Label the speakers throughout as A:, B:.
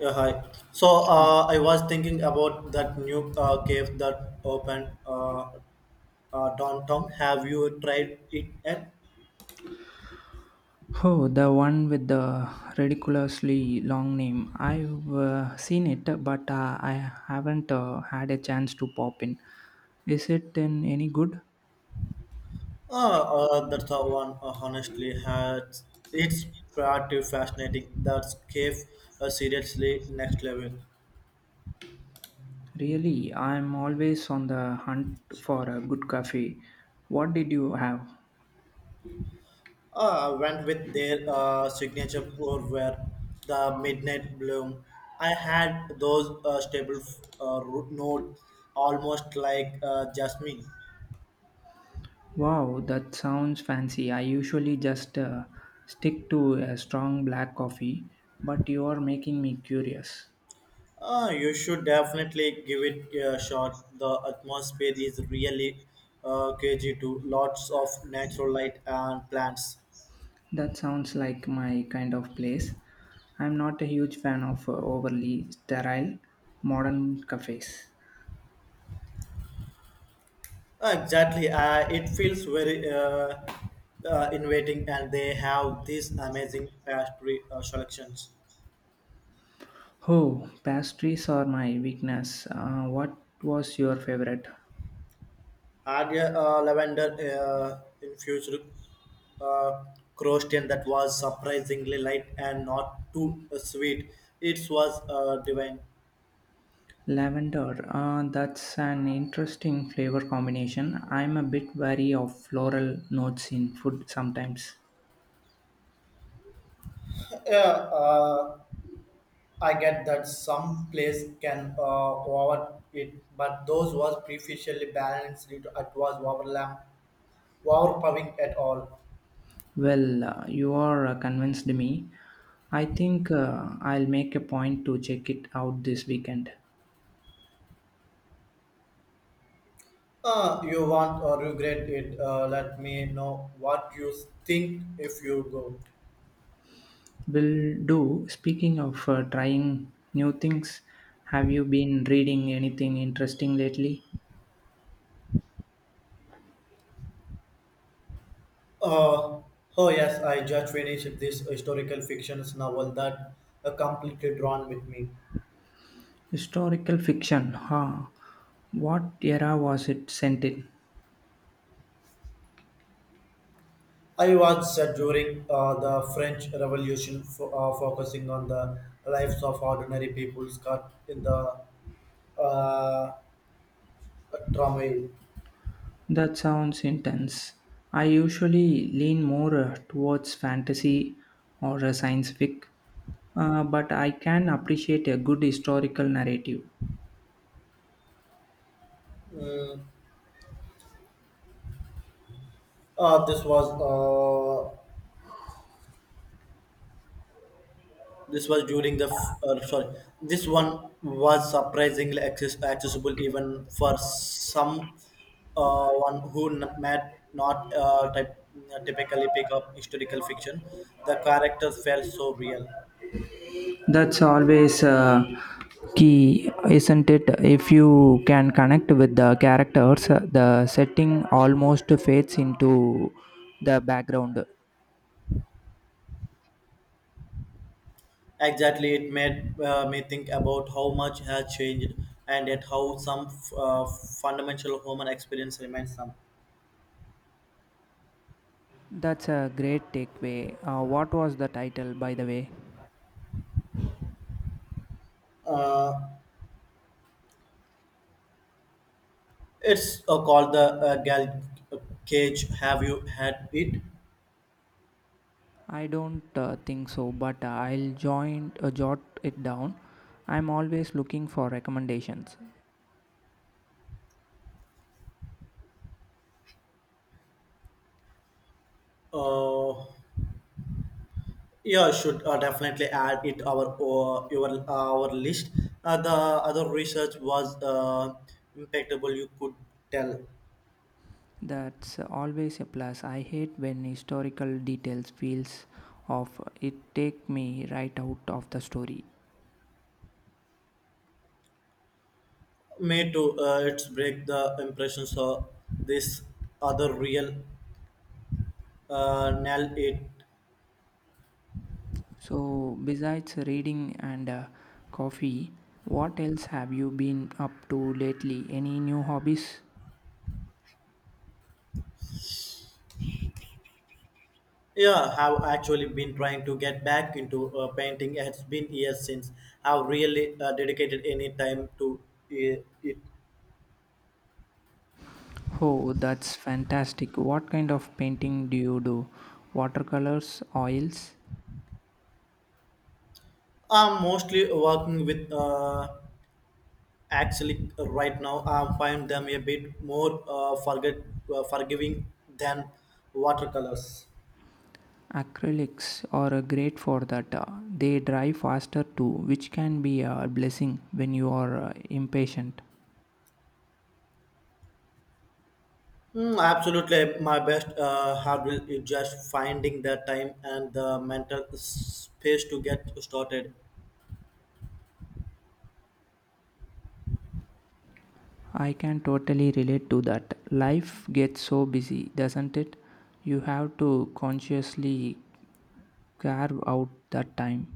A: Yeah, hi. So I was thinking about that new cave that opened downtown. Have you tried it yet?
B: Oh, the one with the ridiculously long name. I've seen it, but I haven't had a chance to pop in. Is it in any good?
A: That's the one. Honestly, has it's pretty fascinating. That cave seriously next level.
B: Really, I'm always on the hunt for a good cafe. What did you have?
A: Went with their signature pour where the midnight bloom. I had those stable root notes, almost like jasmine.
B: Wow, that sounds fancy. I usually just stick to a strong black coffee, but you are making me curious.
A: You should definitely give it a shot. The atmosphere is really cagey too. Lots of natural light and plants.
B: That sounds like my kind of place. I'm not a huge fan of overly sterile modern cafes.
A: Exactly. It feels very inviting, and they have these amazing pastry selections.
B: Oh, pastries are my weakness. What was your favorite?
A: Had a lavender infused uh, croissant that was surprisingly light and not too sweet. It was divine.
B: Lavender. That's an interesting flavor combination. I'm a bit wary of floral notes in food sometimes.
A: Yeah. Uh, I get that some plays can over it, but those was previously balanced. It was overlap, overpowering at all.
B: Well, you are convinced me. I think I'll make a point to check it out this weekend.
A: You want or regret it? Let me know what you think if you go.
B: Will do. Speaking of trying new things, have you been reading anything interesting lately?
A: Uh, oh yes, I just finished this historical fiction novel that completely drawn with me.
B: Historical fiction, huh? What era was it sent in?
A: I was set during the French Revolution, focusing on the lives of ordinary people caught in the uh, turmoil.
B: That sounds intense. I usually lean more towards fantasy or science fic, but I can appreciate a good historical narrative.
A: Mm, this was this was during the sorry. This one was surprisingly accessible even for some one who might not typically pick up historical fiction. The characters felt so real.
B: That's always key, isn't it? If you can connect with the characters, the setting almost fades into the background.
A: Exactly, it made me think about how much has changed and yet how some fundamental human experience remains some.
B: That's a great takeaway. What was the title, by the way?
A: Uh, It's called the Gal Cage. Have you had it?
B: I don't think so, but I'll join jot it down. I'm always looking for recommendations.
A: Uh, yeah, should definitely add it our your our list. The other research was impeccable. You could tell
B: That's always a plus. I hate when historical details feels off. It take me right out of the story.
A: me to it's break the impressions of this other real nail it.
B: So, besides reading and coffee, what else have you been up to lately? Any new hobbies?
A: Yeah, have actually been trying to get back into painting. It's been years since I've really dedicated any time to it.
B: Oh, that's fantastic. What kind of painting do you do? Watercolors, oils,
A: I'm mostly working with actually right now. I find them a bit more forget forgiving than watercolors.
B: acrylics are great for that. They dry faster too, which can be a blessing when you are impatient.
A: Mm, absolutely, my best hurdle is just finding the time and the mental space to get started.
B: I can totally relate to that. Life gets so busy, doesn't it? You have to consciously carve out that time.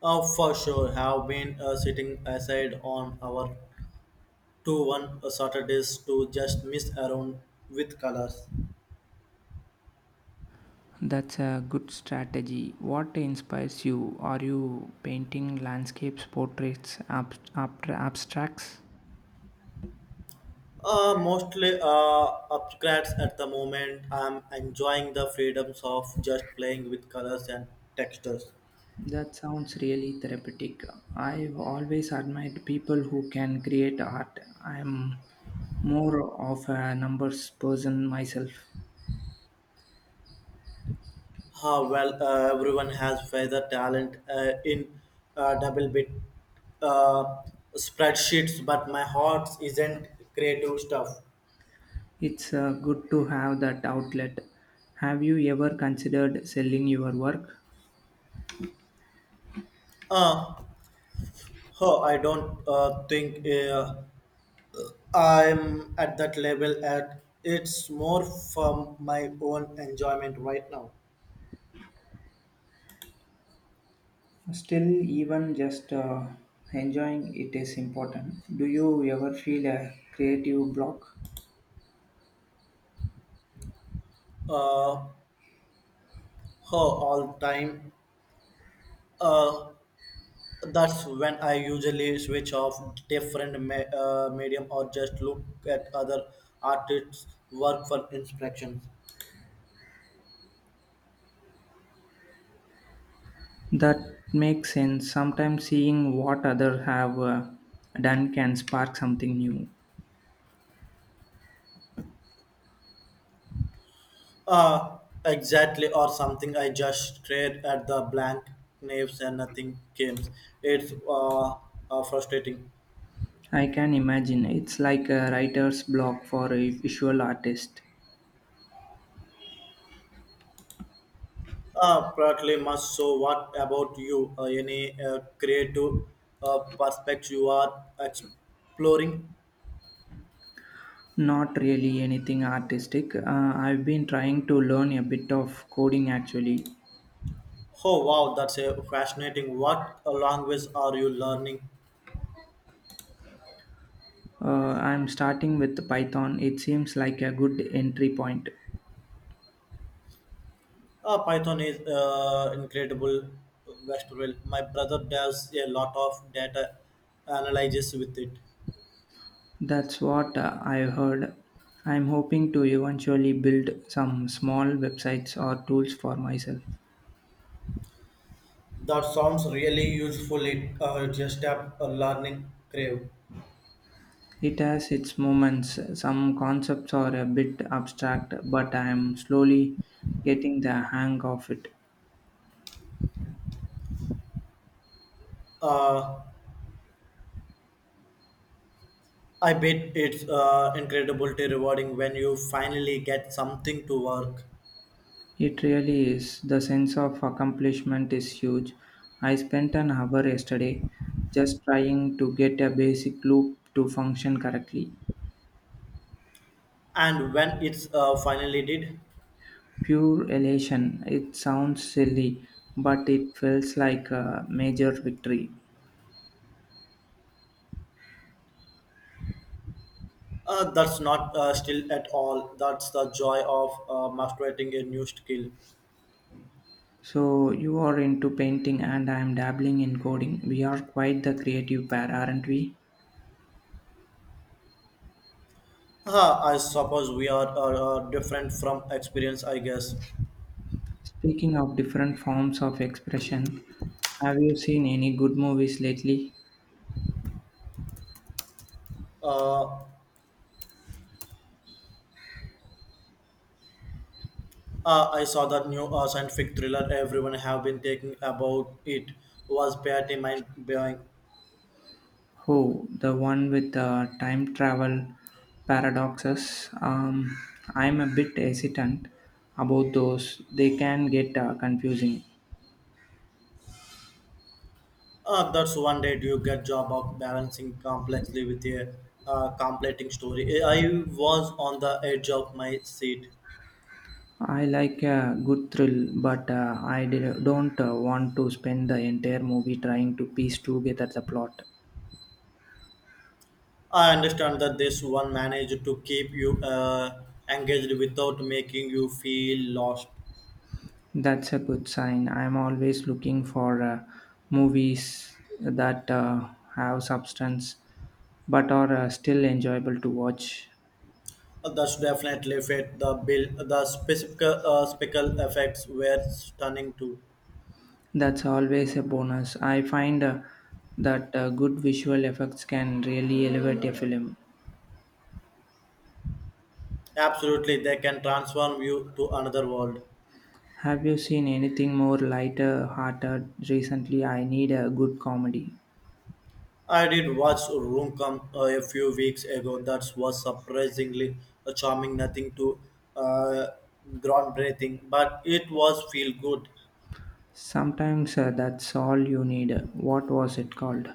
A: For sure, have been sitting aside on our two one Saturdays to just mess around with colors.
B: That's a good strategy. What inspires you? Are you painting landscapes, portraits, abstracts?
A: Mostly upgrades at the moment. I'm enjoying the freedoms of just playing with colors and textures.
B: That sounds really therapeutic. I've always admired people who can create art. I'm more of a numbers person myself.
A: Ah, well everyone has further talent in double bit uh, spreadsheets, but my heart isn't creative stuff.
B: It's good to have that outlet. Have you ever considered selling your work?
A: Uh, oh, I don't think I'm at that level. At it's more from my own enjoyment right now.
B: Still, even just enjoying it is important. Do you ever feel a creative block?
A: Uh, Oh, all time. Uh, that's when I usually switch off different medium or just look at other artists' work for inspiration.
B: That makes sense. Sometimes seeing what others have done can spark something new.
A: Uh, exactly, or something I just stared at the blank names and nothing came. It's frustrating.
B: I can imagine. It's like a writer's block for a visual artist.
A: Partly must. So, what about you? Any creative perspective you are exploring?
B: Not really anything artistic. I've been trying to learn a bit of coding actually.
A: Oh wow, that's a fascinating. What language are you learning?
B: I'm starting with Python. It seems like a good entry point.
A: Python is incredible. Westworld. My brother does a lot of data analysis with it.
B: That's what I've heard. I'm hoping to eventually build some small websites or tools for myself.
A: That sounds really useful. It just a learning crave.
B: It has its moments. Some concepts are a bit abstract, but I am slowly getting the hang of it.
A: Uh, I bet it's incredibly rewarding when you finally get something to work,
B: It really is. The sense of accomplishment is huge. I spent an hour yesterday just trying to get a basic loop to function correctly.
A: and when it's finally did.
B: Pure elation. It sounds silly, but it feels like a major victory.
A: That's not still at all. That's the joy of mastering a new skill.
B: So, you are into painting, and I am dabbling in coding. We are quite the creative pair, aren't we?
A: I suppose we are different from experience, I guess.
B: Speaking of different forms of expression, have you seen any good movies lately?
A: Uh, I saw that new scientific thriller everyone have been talking about. It was pretty mind-blowing.
B: Oh, the one with the time travel paradoxes. I'm a bit hesitant about those. They can get confusing.
A: That's one day do you get job of balancing complexly with a completing story. I was on the edge of my seat.
B: I like a good thrill, but I don't want to spend the entire movie trying to piece together the plot.
A: I understand that this one managed to keep you engaged without making you feel lost.
B: That's a good sign. I'm always looking for movies that have substance but are still enjoyable to watch.
A: That's definitely fit the bill. The specific speckle effects were stunning too.
B: That's always a bonus. I find that good visual effects can really elevate a film.
A: Absolutely, they can transform you to another world.
B: Have you seen anything more lighter hearted recently? I need a good comedy.
A: I did watch Room Come a few weeks ago. That was surprisingly charming, nothing too uh, groundbreaking, but it was feel good.
B: Sometimes that's all you need. What was it called?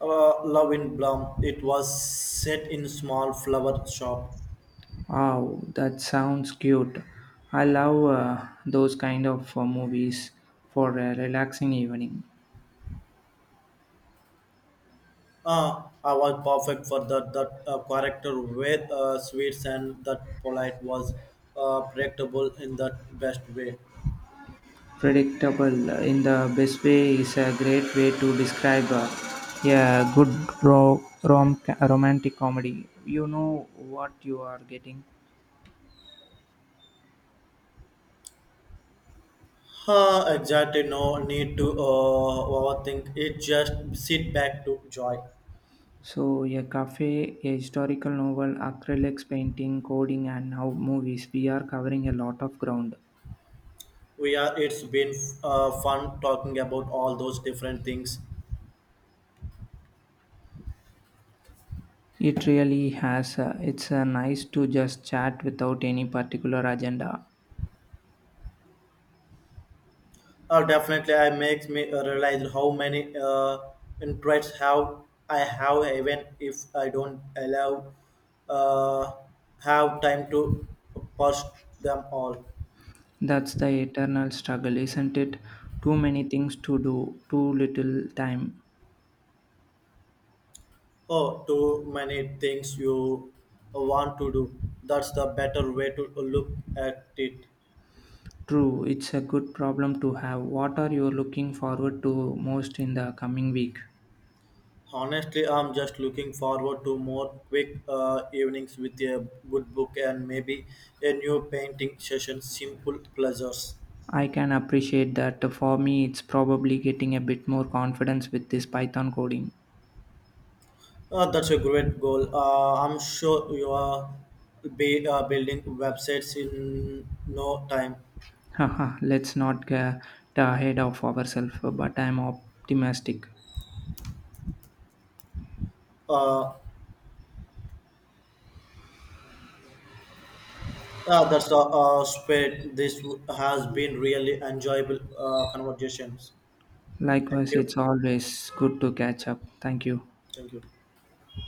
A: Love in Bloom. It was set in small flower shop.
B: Oh, that sounds cute. I love those kind of movies for a relaxing evening.
A: I was perfect for that character with sweets and that polite was predictable in the best way.
B: Predictable in the best way is a great way to describe a good ro- rom- romantic comedy. You know what you are getting.
A: Exactly, no need to overthink it. Just sit back to joy.
B: So, a cafe, a historical novel, acrylics, painting, coding, and now movies. We are covering a lot of ground.
A: We are. It's been fun talking about all those different things.
B: It really has. It's nice to just chat without any particular agenda.
A: Definitely, I makes me realize how many interests have I have even if I don't allow uh, have time to post them all.
B: That's the eternal struggle, isn't it? Too many things to do, too little time.
A: Oh, too many things you want to do. That's the better way to look at it.
B: True, it's a good problem to have. What are you looking forward to most in the coming week?
A: Honestly, I'm just looking forward to more quick evenings with a good book and maybe a new painting session. Simple pleasures.
B: I can appreciate that. For me, it's probably getting a bit more confidence with this Python coding.
A: That's a great goal. I'm sure you are be building websites in no time.
B: Haha, let's not get ahead of ourselves, but I'm optimistic.
A: Uh, that's a spirit. This has been really enjoyable conversations. Thank
B: Likewise,
A: you.
B: it's always good to catch up. Thank you.
A: Thank you.